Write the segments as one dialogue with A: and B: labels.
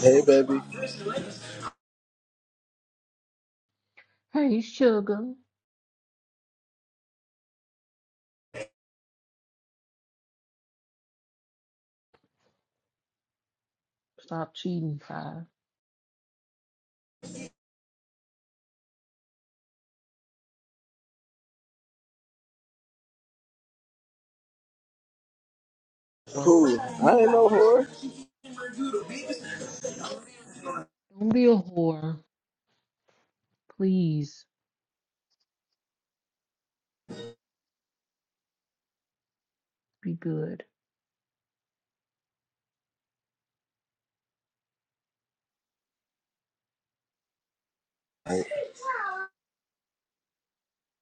A: Hey, baby.
B: Hey, sugar. Stop cheating, five. Or
A: Who? I
B: five.
A: ain't no whore.
B: Don't be a whore. Please be good.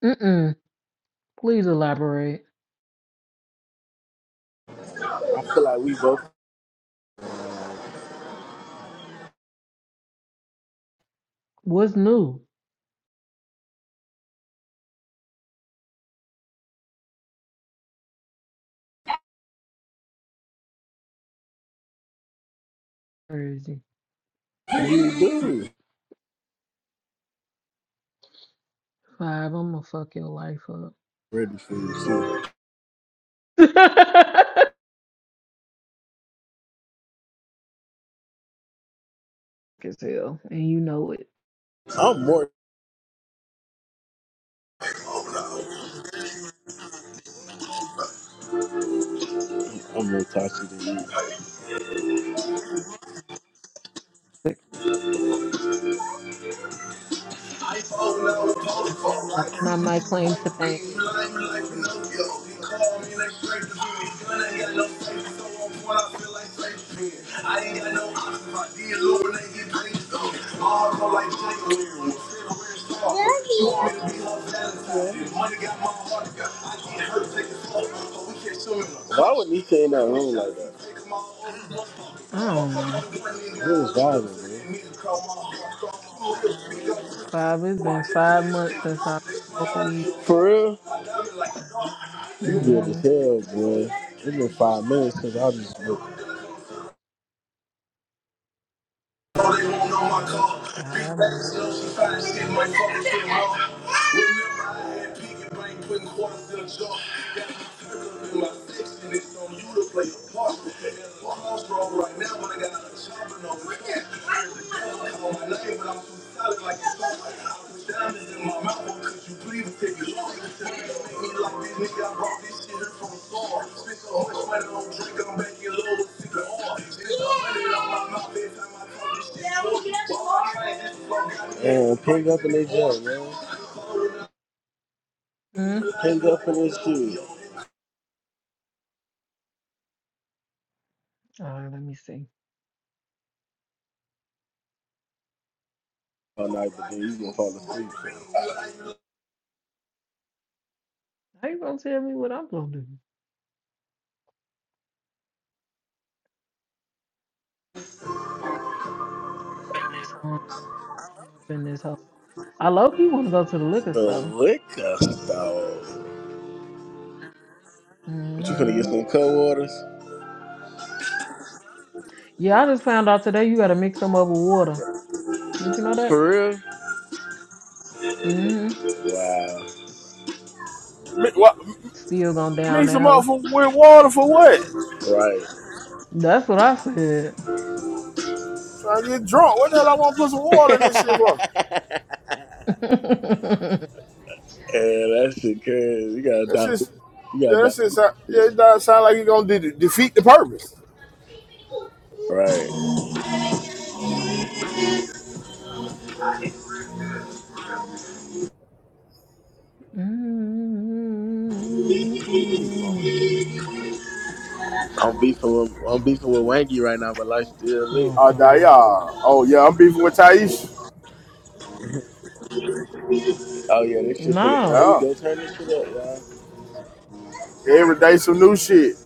B: Mm-mm. Please elaborate.
A: I feel like we both.
B: What's new? Crazy.
A: You do.
B: Five, I'm gonna fuck your life up.
A: Ready for you, too.
B: Fuck As hell. And you know it.
A: I'm more. I'm more toxic than
B: Like, That's not my claim to fame.
A: you. Why would Nika in that room like that?
B: I don't
A: He
B: know.
A: was vibing, man.
B: Five, it's been five months since I smoked weed.
A: For real? You good
B: Mm-hmm.
A: as hell, boy. It's been five minutes since I was just
B: Yep, five months.
A: looked. Remember, I had piggy bank putting quarters in a jar. Got my circle in my section, it's on you to play a part. And I'm strong right now, but I got a job and no rent. Call my name, but I'm too solid like a song. I put diamonds in my mouth, but could you please take it off? Make me like this nigga, I brought this shit here from afar. Spent so much money on drink, I'm back in love with cigar. Spent so money on my mouth, every time I talk this shit. Yeah, pick up in their job, man
B: Mm.
A: pinned up in his shoes
B: All right, let me see.
A: all night, but then you gonna fall asleep.
B: How you gonna tell me what I'm gonna do? Morning. I'm up in this hole. I low key want to go to the liquor
A: The
B: store.
A: liquor store. But you gonna
B: hmm
A: get some cold waters?
B: Yeah, I just found out today you got to mix them up with water. Did you know that?
A: For real?
B: hmm
A: Wow.
B: Still going down
C: mix
B: that
C: them up
B: hole.
C: for, with water for what?
B: That's what I said.
C: Trying to get drunk. What the hell I want to put some water in this shit for?
A: Right. And that shit crazy. You gotta
C: That's just,
A: dilute. You gotta
C: yeah, that's just,
A: dilute
C: yeah,
A: this
C: it
A: shit.
C: does sound like you're going to de- defeat the purpose.
A: Right.
B: mm
C: You know.
A: I'm beefing with I'm beefing with Wangy right now, but life still lit. You
B: Oh
C: Oh,
A: feel me?
C: yeah.
B: God.
C: Oh, yeah, I'm beefing with Taisha.
A: Oh yeah, this shit. There
B: No.
A: we
C: Yeah.
A: go. Turn this shit up, y'all.
C: Every day some new shit.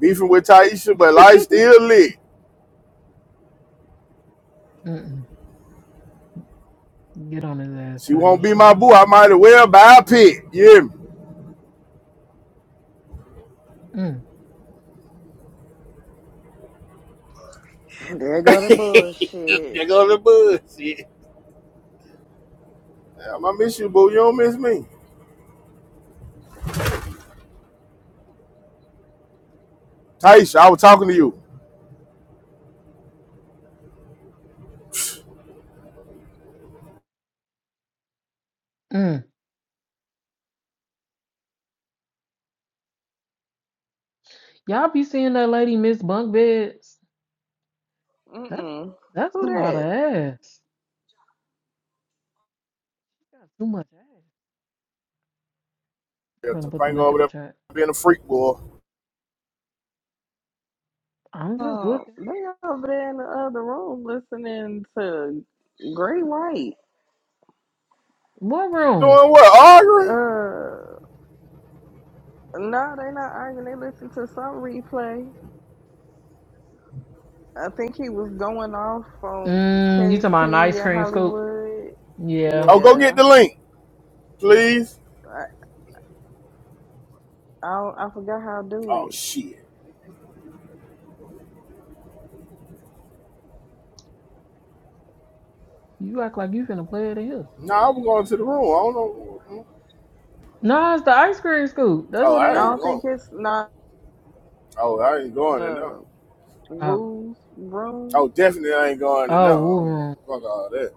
C: Beefing with Taisha, but life still lit.
B: Mm-mm. Get on his ass,
C: She won't be
B: Taisha.
C: my boo. I might as well buy a pit. You hear me?
D: There go the bullshit.
C: There go the bullshit. Yeah, I miss you, boo. You don't miss me. Taisha, I was talking to you.
B: Mm-mm. Y'all be seeing that lady miss bunk beds? That's
D: Mm-mm.
B: that's
D: Who
B: a lot of
D: that?
B: ass. She got too much ass.
C: Yeah,
B: I'm gonna put the
C: Topanga
B: link in
C: over
B: the
C: there
B: chat.
C: being a freak boy.
B: I'm just
D: Uh,
B: looking.
D: they over there in the other room listening to Gray White.
B: What room?
C: Doing what? Arguing?
D: Uh, no, they not arguing. They listen to some replay. I think he was going off on
B: Mm, you talking about an ice
D: KP in
B: cream scoop?
D: Hollywood.
B: Yeah.
C: Oh, go get
D: Yeah,
C: the link, please.
D: I I, don't- I forgot how to do
C: Oh
D: it.
C: shit.
B: You act like you finna play it in here.
C: Nah, I'm going to the room. I don't know. Mm-hmm.
B: No, it's the ice cream scoop. That's
C: Oh,
B: what they
C: I
D: I
C: ain't
D: don't
B: at.
D: think
C: going.
D: it's not
C: Oh, I ain't going in there.
D: uh
B: Oh.
D: Woo's
C: Oh,
D: room.
C: definitely I ain't going in there.
B: Oh, war
C: Oh,
B: room.
C: Fuck all that.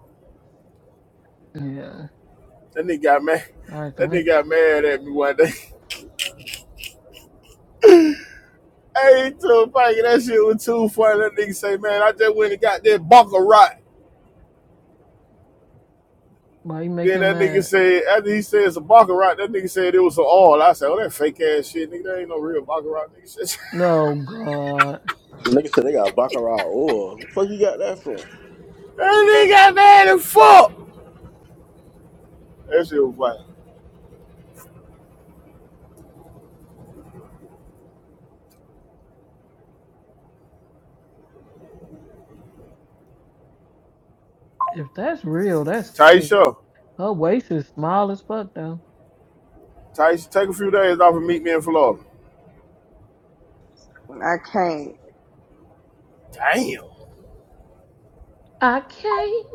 B: Yeah.
C: That nigga got mad.
B: All right, the
C: That nigga
B: link in
C: got
B: the chat.
C: mad at me one day. Hey, Topanga, that shit was too funny. That nigga say, man, I just went and got that bunker rock.
B: Why you make
C: Then
B: him
C: that nigga
B: mad?
C: said, after he said it's a Baccarat, that nigga said it was an all. I said, oh, that fake ass shit, nigga, that ain't no real Baccarat, nigga.
B: No, God.
A: Nigga said they got baccarat oil. What the fuck you got that from?
C: that nigga got mad and fuck. That shit was like,
B: If that's real, that's crazy.
C: Taisha,
B: Her waist is small as fuck, though.
C: Taisha, take a few days off and meet me in Florida.
D: I
C: Damn.
B: I can't.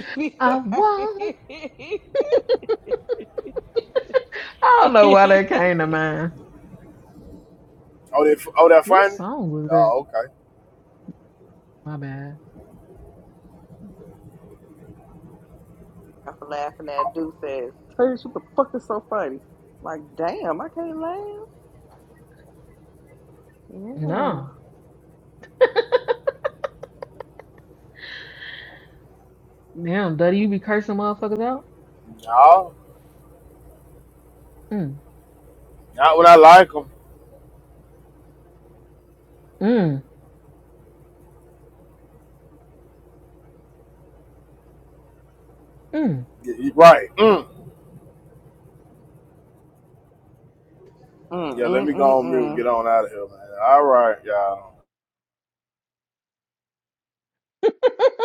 D: can't.
B: I won't. I don't know
D: I'm
B: why that came to mind.
C: Oh, that, oh, that
B: What
C: finding?
B: song was that?
C: Oh, okay.
B: My bad.
D: laughing at dude says, Teresa, what the fuck is so funny? Like, damn, I can't laugh. Yeah.
B: No. Damn, Duddy, you be cursing motherfuckers out?
C: No,
B: Mm,
C: not when I like them.
B: mm, mm.
C: Yeah, right. Mm. Yeah, let me go on mute and
D: Mm-mm-mm-mm.
C: get on out of here, man. All right, y'all.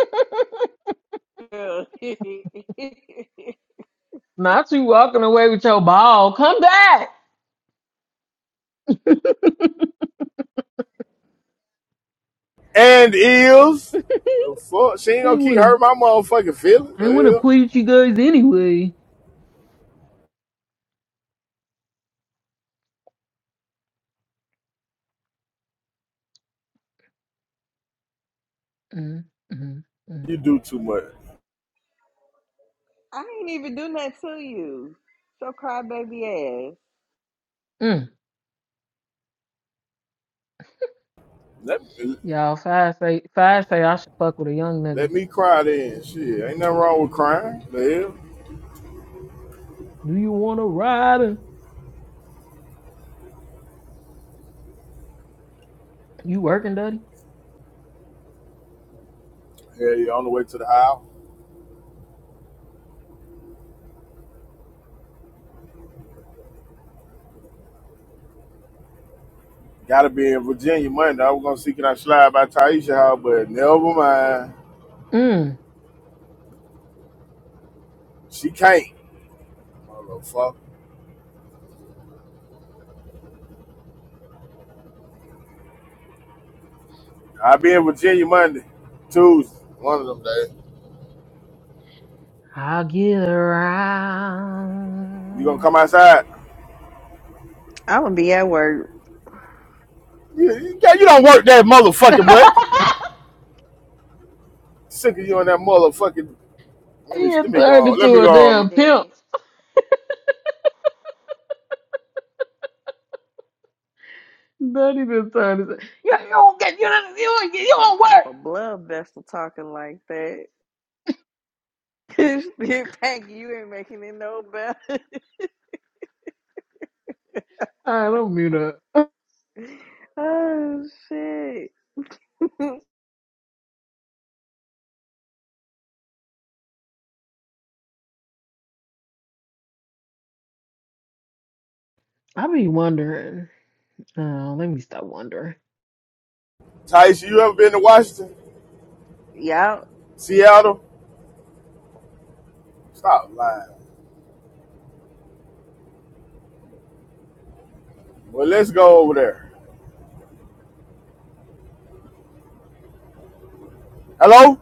B: Not you walking away with your ball. Come back. I
C: And is, the fuck, she ain't gonna
B: ain't
C: keep
B: wanna
C: hurting my motherfucking feelings.
B: I ain't wanna
C: hell?
B: please you guys anyway. Mm, mm, mm,
C: You do too much.
D: I ain't even do nothing to you. So crybaby ass.
B: mm.
C: Let, me,
B: Y'all five say five say I should fuck with a young nigga.
C: let me cry then. Shit, ain't nothing wrong with crying. The hell?
B: Do you wanna ride her? You working, Duddy?
C: Hell yeah, on the way to the house. Gotta be in Virginia Monday. I was gonna see can I slide by Taisha house, but never mind.
B: Mm.
C: She can't. Motherfucker. I'll be in Virginia Monday, Tuesday, one of them days.
B: I'll get
C: You gonna come
B: around.
C: outside?
D: i would be at work.
C: You, you, yeah, you don't work that
B: he
C: motherfucking much. Sick of you and that motherfucking. Let me
B: done
C: let me go
B: turned
C: on. Let
B: into
C: me
D: Sick,
B: a
C: go on. Man.
B: damn
D: goddamn
B: pimp.
D: it.
B: Then he done turned into you, you don't get you don't you don't, get- you
D: Don't
B: don't
D: pop
B: work.
D: a blood vessel talking like that. Pack, you ain't making it no better.
B: All right, don't mute up.
D: oh shit.
B: I be wondering. Oh, let me stop wondering.
C: Taisha, you ever been to Washington,
D: Yup.
C: Seattle? Stop lying. Well, let's go over there. Hello?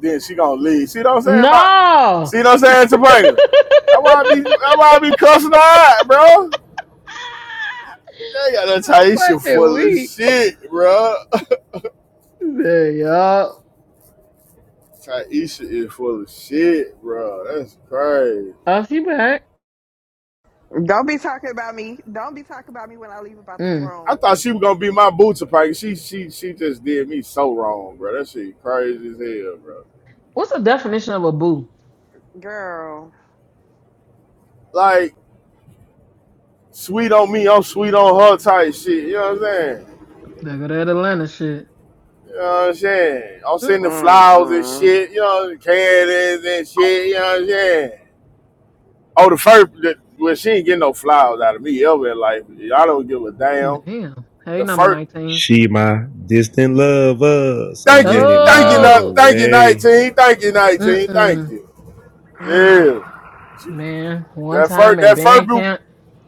C: Then she gonna leave. See what I'm saying about?
B: No,
C: See what I'm saying,
B: I'm
C: Topanga? That's why I be that's why I be cussing her out, bro. They got that Taisha
B: fucking
C: full of
B: weak.
C: shit, bro.
B: There y'all.
C: Taisha is full of shit, bro. That's crazy.
B: Oh, she back.
D: Don't be talking about me. Don't be talking about me when I leave about this
B: Mm.
C: I
D: room,
C: thought she was gonna be my boo, Topanga. She she she just did me so wrong, bro. That shit crazy as hell, bro.
B: What's the definition of a boo?
D: girl.
C: Like sweet on me, I'm sweet on her type shit. You know what I'm saying?
B: There go that Atlanta shit.
C: You know what I'm saying? I'm
B: Mm.
C: sending flowers and
D: Mm-mm.
C: shit, you know, candies and shit, you know what I'm saying? Oh, the first, the, well, she ain't getting no flowers out of me ever in life. I don't give a damn.
B: Damn. Hey,
C: The
B: number
C: first,
B: nineteen.
E: She my distant lover, so
C: thank you,
E: many
C: thank you,
E: miles
B: Oh.
C: thank you,
E: away.
C: 19, thank you, 19,
B: Mm-mm.
C: thank you. Yeah. She,
B: Man, one
C: that
B: time
C: first,
B: at
C: that first
B: band
C: bou
B: camp,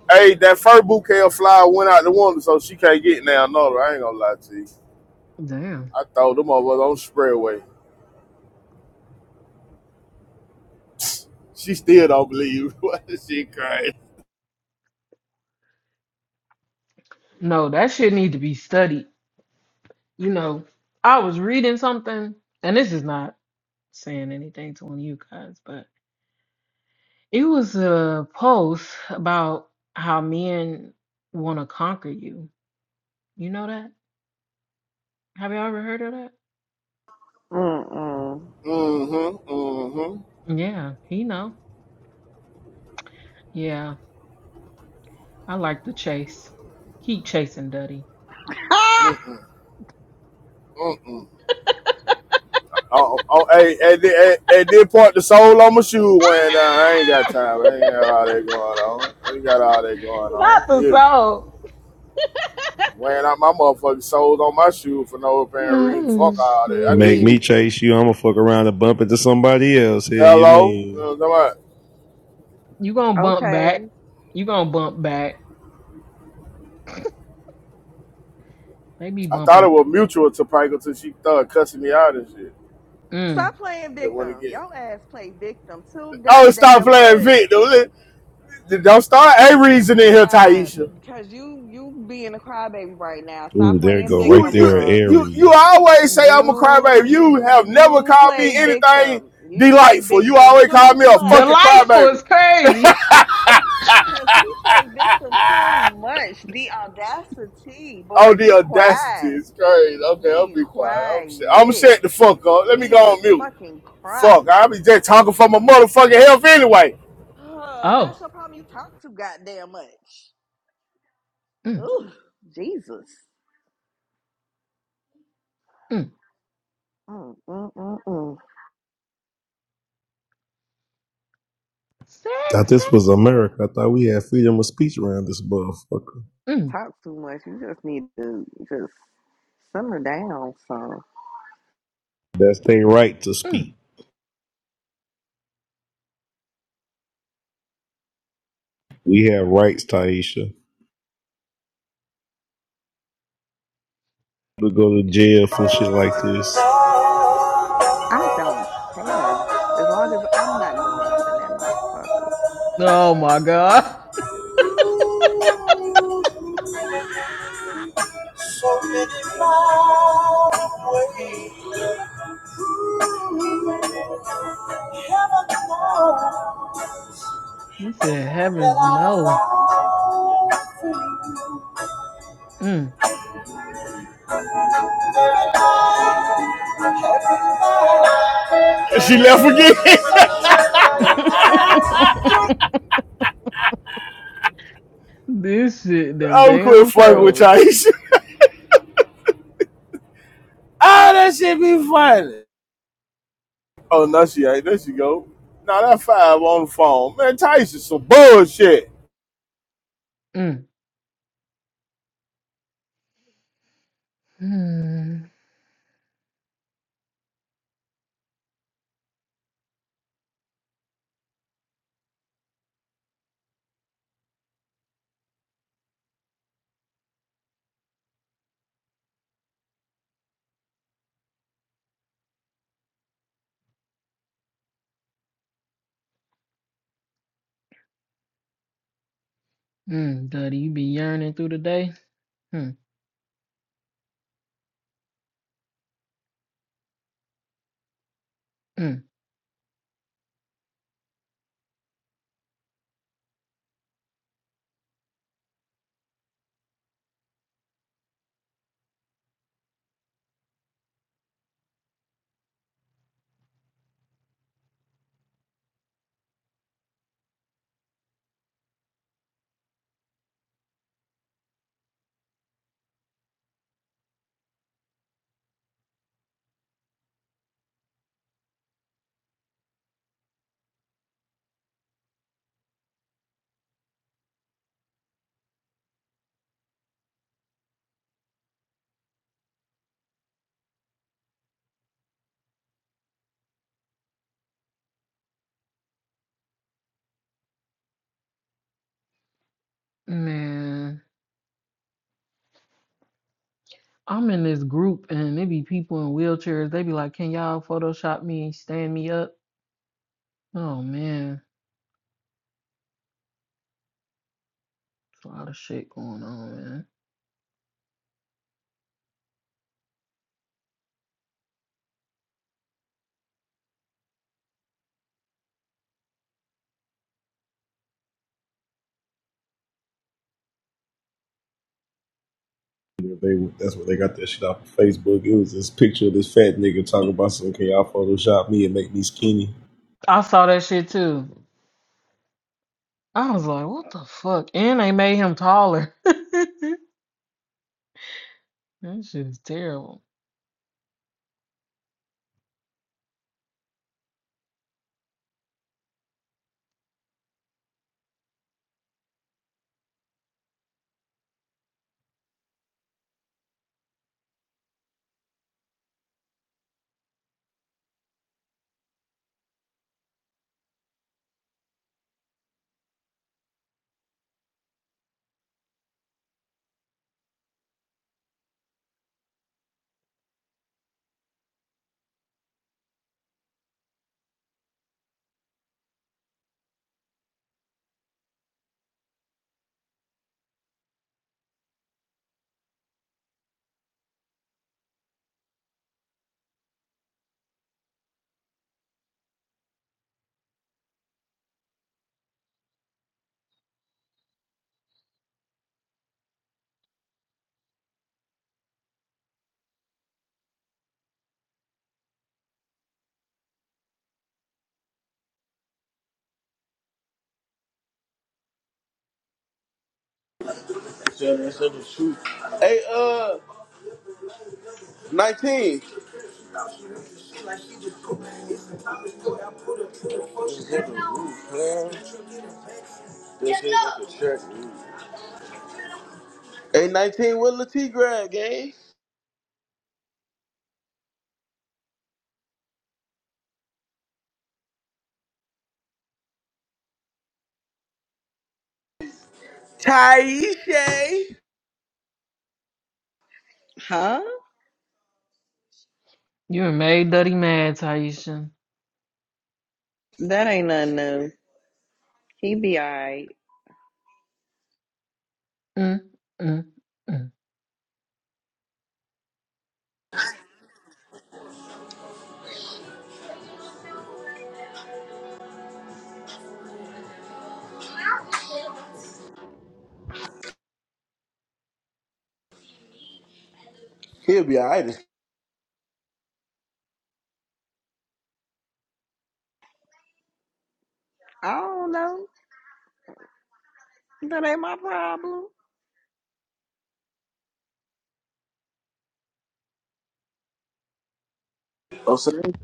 C: hey, that first bouquet of flowers went out the window, so she can't get now, another. I ain't gonna lie to you.
B: damn.
C: I thought them motherfuckers on spray away. She still don't believe. she crazy.
B: No, that shit need to be studied. You know, I was reading something, and this is not saying anything to one of you guys, but it was a post about how men want to conquer you. You know that? Have y'all ever heard of that?
D: Mm-mm.
C: Mm-hmm, mm-hmm.
B: Yeah, he know. Yeah, I like the chase. Keep chasing, Duddy.
D: Ah!
C: Mm-mm, mm-mm. Oh, oh, hey, hey, hey, hey, did point the sole on my shoe went down. I ain't got time. I ain't got all that going on. I ain't got all that going on.
B: Not the
C: Yeah,
B: soul.
C: wearing out my motherfucking soles on my shoe for no apparent reason.
B: Oh,
C: Fuck all that. I
E: Make
C: need
B: shit.
E: me
C: it.
E: chase you, I'ma fuck around and bump into somebody else. Here you
C: Hello, you
E: mean?
C: know what I'm talking about?
B: You gonna bump
D: Okay.
B: back. You gonna bump back. They be
C: I thought
B: bumping
C: it
B: back.
C: was mutual to Pike until she started cussing me out and shit.
B: Mm.
D: Stop playing
C: Just went
D: victim.
C: again.
D: Your ass play victim too
C: Oh, stop
D: goddamn
C: playing Vic,
D: much.
C: dude. Don't start a reason in here,
D: Stop,
C: Taisha.
D: because you you being a crybaby right now.
E: Ooh,
D: Stop
E: there you
D: playing
E: go,
C: you
E: right
D: victim,
C: you
E: there,
D: bruh.
C: you you
E: Aries.
C: always say I'm a crybaby. You
D: You
C: have never
D: you
C: called me
D: play
C: anything
D: victim. You play
C: delightful. You
D: victim
C: always call
D: too
C: me a
B: The
C: fucking
D: much.
B: life
C: crybaby.
B: was crazy.
D: Cause he played victim too much. The audacity,
C: Oh,
D: boy,
C: the
D: be
C: audacity
D: quiet.
C: is crazy. Okay, I'll
D: Be
C: be quiet. I'm shut. I'm
D: quiet.
C: shut the fuck up. Let me go
D: Jesus
C: on mute.
D: fucking Christ.
C: Fuck, I be just talking for my motherfucking health anyway.
D: Oh, that's
B: Oh.
D: your problem. You talk too goddamn much.
B: Mm,
D: Ooh, Jesus.
B: mm.
D: Mm, mm, mm, mm.
E: Thought
B: Sex.
E: this was America. I thought we had freedom of speech around this motherfucker.
B: Mm,
D: Talk too much. You just need to just simmer down. So
E: That's their right to
B: mm.
E: speak. We have rights, Taisha. We go to jail for shit like this.
D: I don't care as long as I'm not going up in that motherfucker.
B: Oh my God.
C: So many wrong ways. Heaven
B: He said, heavens no. Mm.
C: She left again.
B: this shit done
C: I'm quit
B: damn
C: fucking with
B: froze.
C: Taisha. Ah, that shit be funny. Oh, no, she ain't. There she go. Now that five on the phone. Man, Taisha some bullshit.
B: Mm. Mm. Mm. Duddy, you be yearning through the day? Mm, mm. Man. I'm in this group and it be people in wheelchairs. They be like, "Can y'all Photoshop me, stand me up?" Oh man, it's a lot of shit going on, man.
E: They, that's where they got that shit off of Facebook. It was this picture of this fat nigga talking about something. Can y'all Photoshop me and make me skinny?
B: I saw that shit too. I was like, "What the fuck?" And they made him taller. that shit is terrible.
A: I said that's the truth. Hey, uh. 19. Hey, 19, what Latif grab, gang? Taisha.
D: huh?
B: You done made Duddy mad, Taisha.
D: That ain't nothing new. He be alright.
B: Mm, mm, mm.
A: He'll be alright. as-
D: I don't know. That ain't my problem.
A: I'm saying.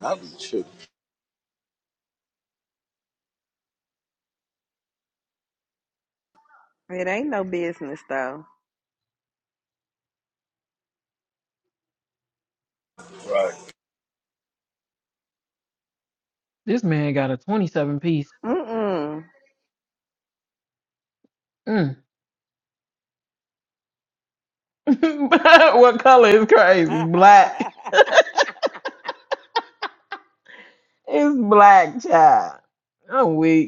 A: I'll be tripping.
D: It ain't no business though.
B: This man got a 27 piece.
D: Mm
B: Mm. what color is
D: mm.
B: crazy? Black. It's black, child. I'm weak.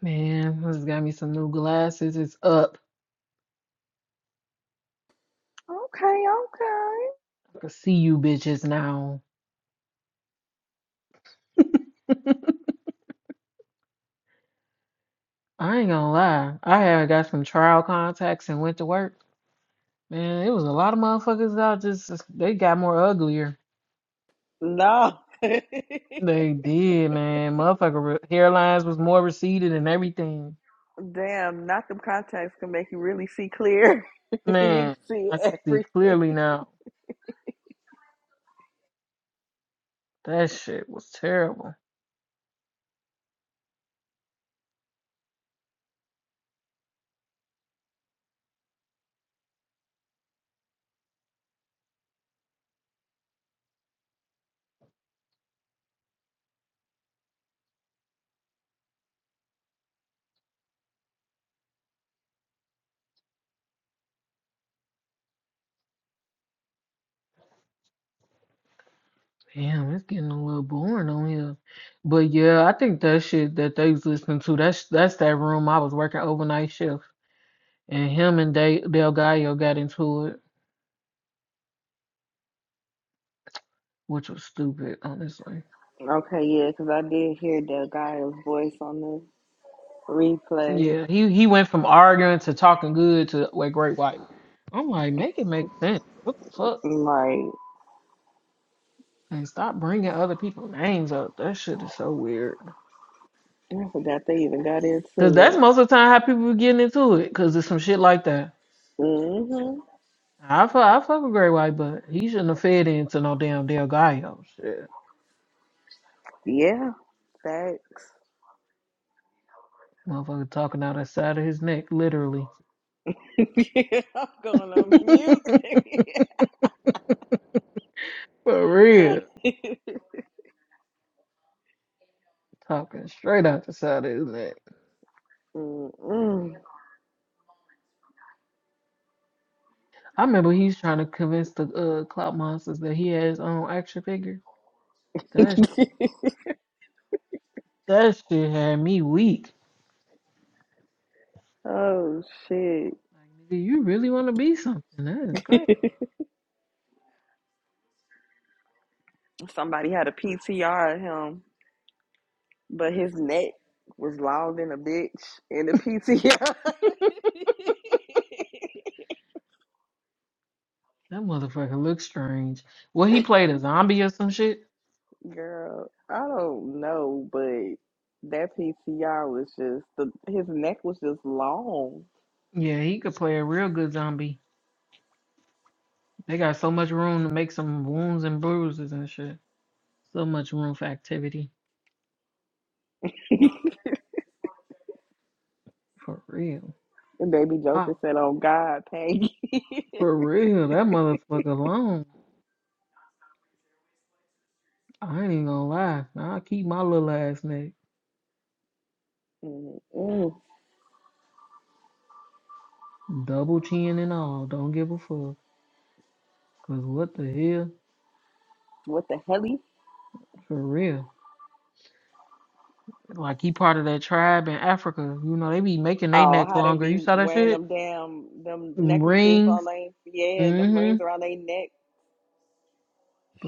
B: Man, I just got me some new glasses. It's up.
D: Okay,
B: I can see you bitches now. I ain't gonna lie. I had got some trial contacts and went to work. Man, it was a lot of motherfuckers out just they got more uglier.
D: okay. No.
B: They did, man. Motherfucker hairlines was more receded and everything.
D: Damn, not them contacts can make you really see clear. you can
B: Man,
D: see
B: I can see
D: everything.
B: clearly now. That shit was terrible. Damn, it's getting a little boring on here. But yeah, I think that shit that they was listening to, that's that's that room I was working overnight shift. And him and De- Del Gallo got into it, which was stupid, honestly.
D: Okay, yeah, because I did hear the guy's voice on the replay.
B: Yeah, he he went from arguing to talking good to a great white. I'm like, make it make sense. What the fuck?
D: Like,
B: And stop bringing other people's names up. That shit is so weird.
D: I forgot they even got
B: Cause
D: into
B: that's
D: it.
B: most of the time how people be getting into it. Cause it's some shit like that.
D: Mm hmm
B: I fuck, I fuck with Great White, but he shouldn't have fed into no damn Del Gallo shit.
D: Yeah, facts.
B: Motherfucker talking out the side of his neck, literally.
D: yeah, I'm going on mute.
B: For real. Talking straight out the side of his neck.
D: Mm-mm.
B: I remember he's trying to convince the uh clout monsters that he has his own action figure. That shit, that shit had me weak.
D: oh shit!
B: Like, nigga, you really want to be something? That is great.
D: Somebody had a PTR of him, but his neck was long than a bitch in the PTR.
B: That motherfucker looks strange. Well, he played a zombie or some shit.
D: Girl, I don't know, but that PTR was just the his neck was just long.
B: Yeah, he could play a real good zombie. They got so much room to make some wounds and bruises and shit. So much room for activity. For real.
D: And baby
B: Ah,
D: Joker said, "Oh God, Peggy,
B: for real. That motherfucker alone. I ain't gonna lie. I'll keep my little ass neck.
D: Mm-mm.
B: Double chin and all. Don't give a fuck. Cause what the hell?
D: what the hell?"
B: For real. Like he part of that tribe in Africa. You know, they be making their
D: Oh,
B: necks
D: how they
B: longer. You
D: be
B: saw that
D: wearing
B: shit?
D: them damn them necklaces on
B: Rings.
D: they yeah, and them
B: Mm-hmm.
D: rings around their neck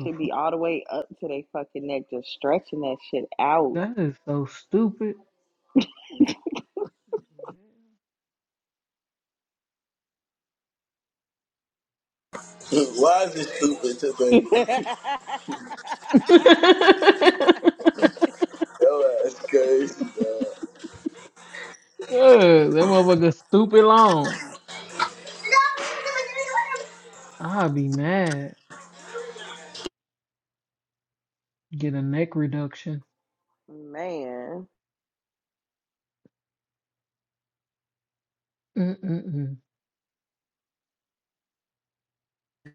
B: The
D: should be
B: fuck?
D: all the way up to their fucking neck, just stretching that shit out.
B: That is so stupid.
A: Why is this stupid to think?
B: Good.
A: Yo, that's crazy, dog.
B: That motherfucker stupid long. I'd be mad. Get a neck reduction.
D: Man,
B: Mm-mm-mm.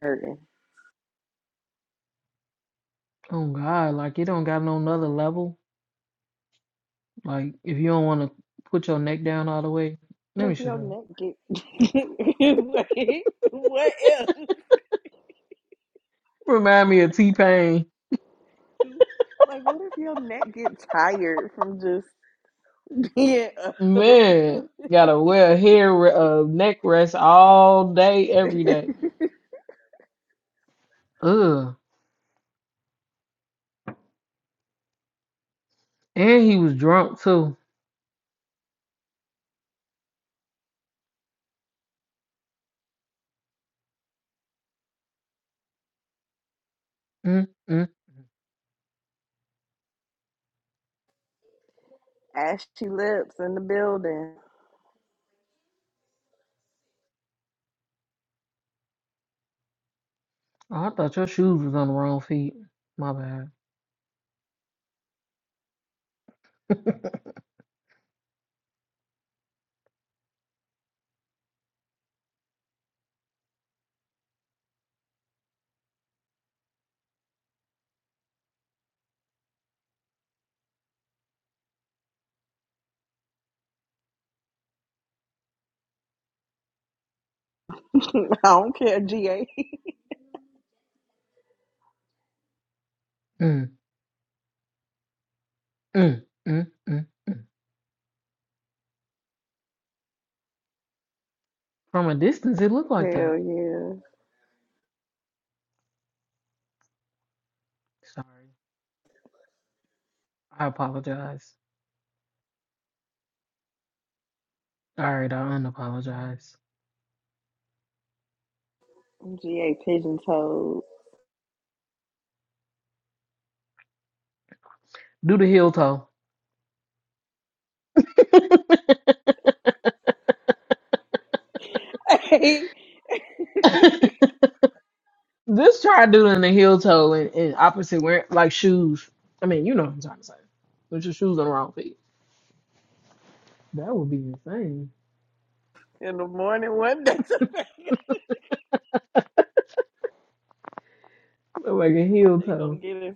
D: hurting.
B: Oh God, like it don't got no another level. Like, if you don't want to put your neck down all the way, let
D: What
B: me
D: if
B: shut
D: your
B: up.
D: neck get like, what if
B: Remind me of T Pain.
D: like what if your neck get tired from just being up?
B: Man, gotta wear a hair re- uh, neck rest all day, every day. Ugh. And he was drunk too. Mm, mm.
D: Ashy lips in the building.
B: Oh, I thought your shoes was on the wrong feet. My bad.
D: I don't care, GA.
B: mm, mm, mm, mm, mm. From a distance, it looked like that.
D: Hell yeah.
B: Sorry. I apologize. All right, I unapologize.
D: I'm GA pigeon toed.
B: Do the heel toe.
D: in
B: Just try doing a heel toe and, and opposite wearing like shoes. I mean, you know what I'm trying to say. Put your shoes on the wrong feet. That would be insane.
D: the morning one day.
B: Look Like a heel
D: they gonna
B: toe.
D: get it.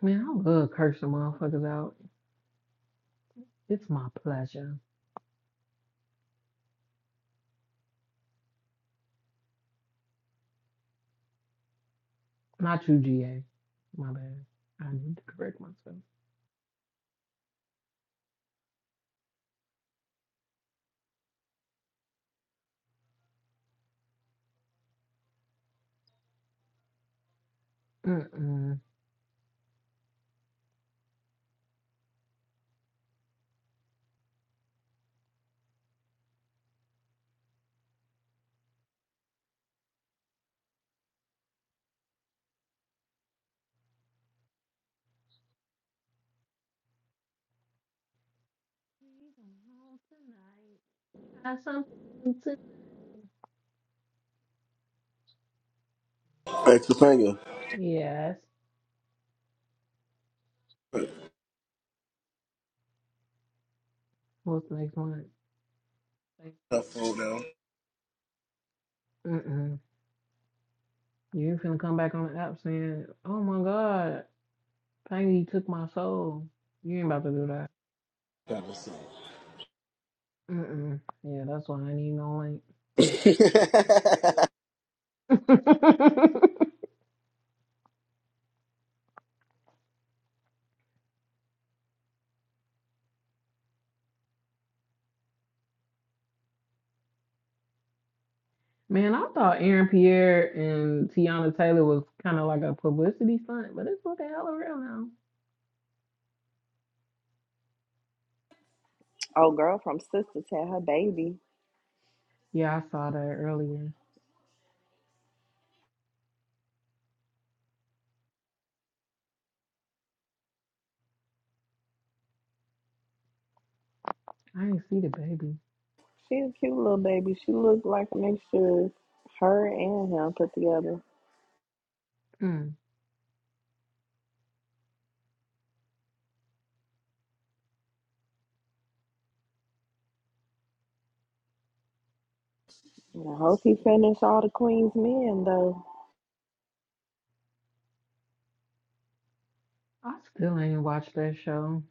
B: Man, I love cursing motherfuckers out. It's my pleasure. Not you, GA. My bad. I need to correct myself. Mm-mm. Have something to-
A: Hey, Topanga.
B: Yes. What's the next one? Like,
A: That phone down.
B: Mm-mm. You ain't finna come back on the app saying, oh my God. Pain, you took my soul. You ain't about to do that.
A: Gotta
B: Mm-mm. Yeah, that's why I need no
A: see.
B: link. Man, I thought Aaron Pierre and Tiana Taylor was kind of like a publicity stunt, but it's looking hella real now.
D: Oh girl from Sisters had her baby.
B: Yeah, I saw that earlier. I ain't see the baby.
D: She a cute little baby. She looked like a mixture of her and him put together.
B: Mm.
D: And I hope he finished all the Queen's men though.
B: I still ain't watched that show.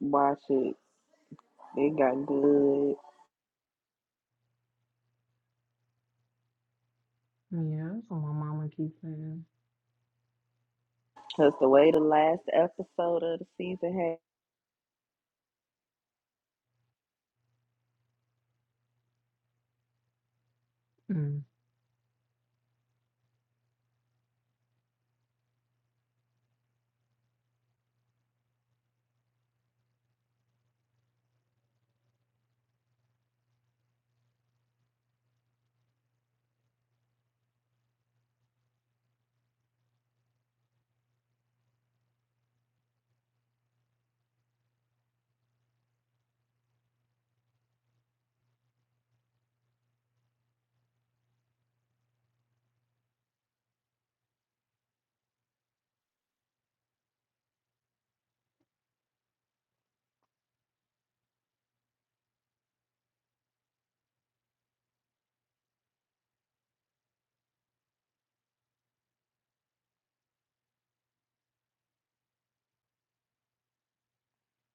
D: Watch it. It got good.
B: Yeah, that's what my mama keeps saying.
D: Cause the way the last episode of the season had
B: Mm.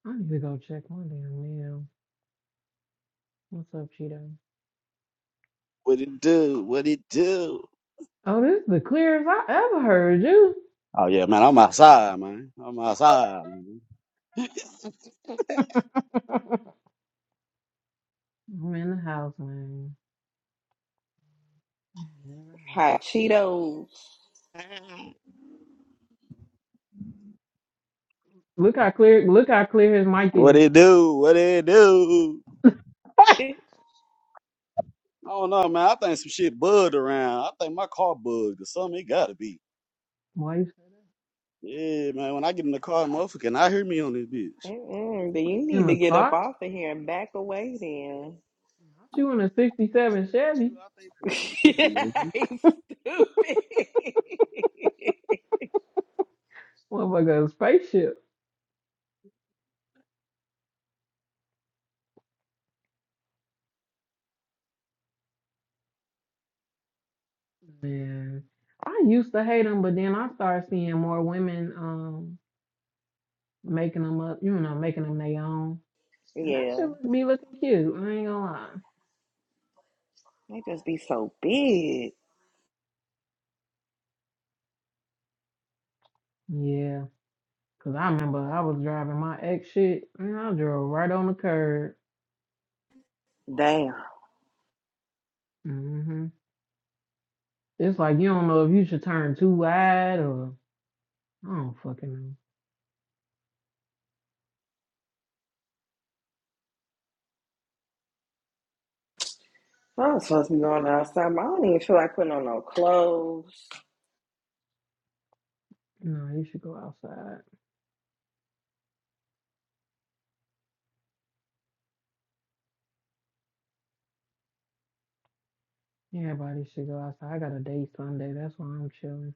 B: I need to go check my damn mail. What's up, Cheeto?
F: What it do? What it do?
B: Oh, this is the clearest I ever heard
F: Oh yeah, man, I'm outside, man. I'm
B: you.
F: outside. Man.
B: I'm in the house, man. I'm in the house.
D: hot Cheetos.
B: Look how clear, look how clear his mic
F: What
B: is.
F: it do? What it do? I don't know, man. I think some shit bugged around. I think my car bugged or something. It gotta be.
B: Why you
F: Yeah, man. When I get in the car, motherfucker, and I hear me on this bitch.
D: Mm-mm, but you
B: in
D: need to
B: the
D: get up
B: car?
D: off of here and back away then.
B: Aren't you in a '67
F: Dude,
B: Chevy?
F: I think it was-
D: Yeah,
F: Mhm.
D: He's stupid.
B: Motherfucker, a spaceship. Man, I used to hate them, but then I started seeing more women um making them up, you know, making them their own, and that
D: yeah,
B: shit would be looking cute. I ain't gonna lie.
D: they just be so big.
B: Yeah, 'cause I remember I was driving my ex shit, and I drove right on the curb.
D: Damn,
B: hmm It's like you don't know if you should turn too wide or I don't fucking
D: I'm supposed to be going outside. I don't even feel like putting on no clothes.
B: know. no, you should go outside. Everybody should go outside. I got a date Sunday, that's why I'm chilling.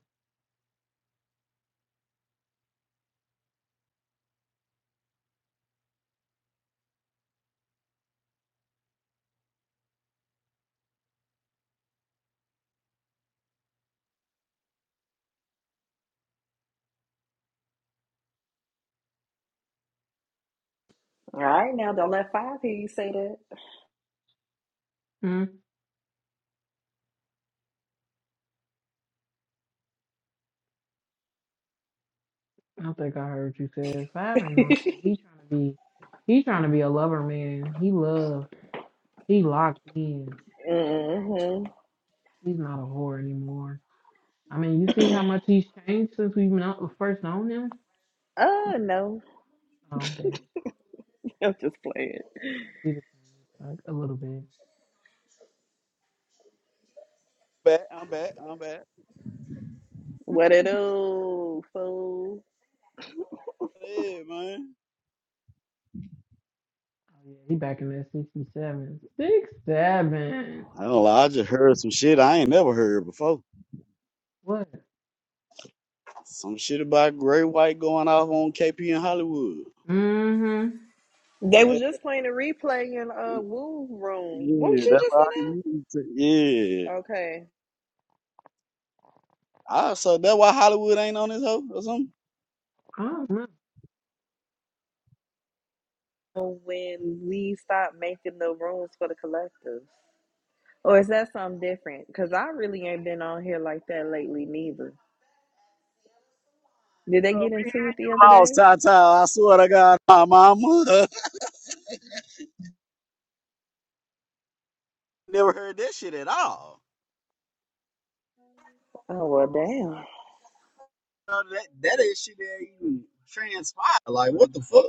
D: All right, now don't let five hear you say
B: Hmm? I don't think I heard you said five ain't no
D: that.
B: shit. He trying to be he trying to be a lover man. He loved. He locked in.
D: mm-hmm.
B: He's not a whore anymore. I mean, you see how much he's changed since we've known, first known him?
D: Oh no,
B: Oh damn.
D: I'm just playing.
B: I see the change. Like a little bit.
F: Back, I'm back. I'm back.
D: What it do, fool?
F: Yeah, man.
B: Oh yeah. He back in that sixty seven. Six seven.
F: I don't know. I just heard some shit I ain't never heard before.
B: What?
F: Some shit about Gray White going off on KP in Hollywood.
B: Mm-hmm.
D: They was
F: That-
D: just playing a replay in uh Woo room.
F: yeah,
D: Won't you
F: that's
D: just
F: why.
D: in
F: I- Yeah.
D: there? Okay.
F: Ah, so that's why Hollywood ain't on this hoe or something?
B: I don't know.
D: When we stop making the rooms for the collective. Or is that something different? Because I really ain't been on here like that lately, neither. Did they
F: Uh,
D: get into it the
F: we
D: other day?
F: Lost Tata. I swear to God, my mama. Never heard that shit at all.
D: Oh, well, damn.
F: Uh, That that ain't shit that even transpired. Like what the fuck?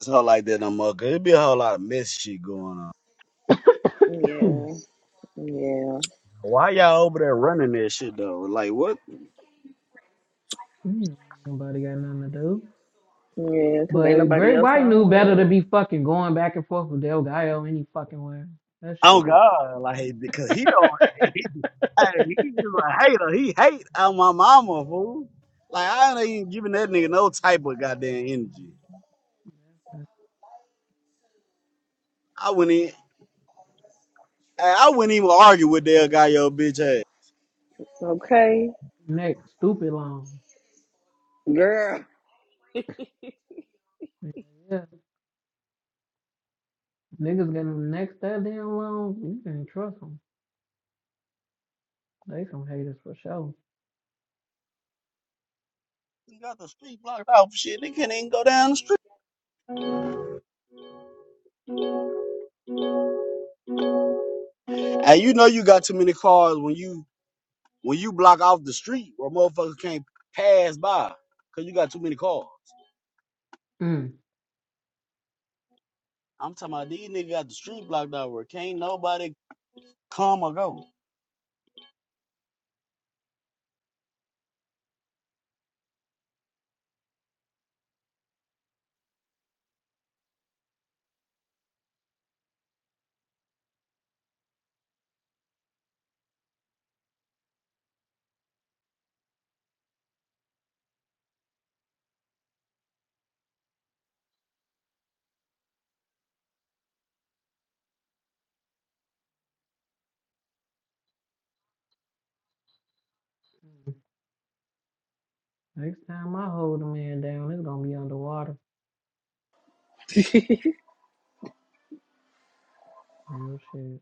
F: It's a like that no more. Cause it be a whole lot of mess shit going on.
D: Yeah, yeah,
F: Why y'all over there running that shit though? Like what?
B: Mm, Nobody got nothing to do.
D: yeah, because ain't
B: But
D: nobody
B: Great
D: else
B: White
D: on
B: knew better to
D: her.
B: be fucking going back and forth with Del Gallo any fucking way. That shit
F: Oh God! Like because he don't.
B: is
F: He, he's a hater. He hate on my mama, fool. Like I ain't even giving that nigga no type of goddamn energy. I wouldn't. Hey, I wouldn't even argue with that guy. Yo, bitch ass.
D: Okay,
B: neck stupid long.
D: girl.
B: Yeah, niggas gonna next that damn long. You can trust them. They some haters for sure.
F: You got the street blocked off, shit. They can't even go down the street. And you know you got too many cars when you when you block off the street where motherfuckers can't pass by because you got too many cars.
B: Mm.
F: I'm talking about these niggas got the street blocked off where can't nobody come or go.
B: Next time I hold a man down, it's gonna be underwater. Real shit.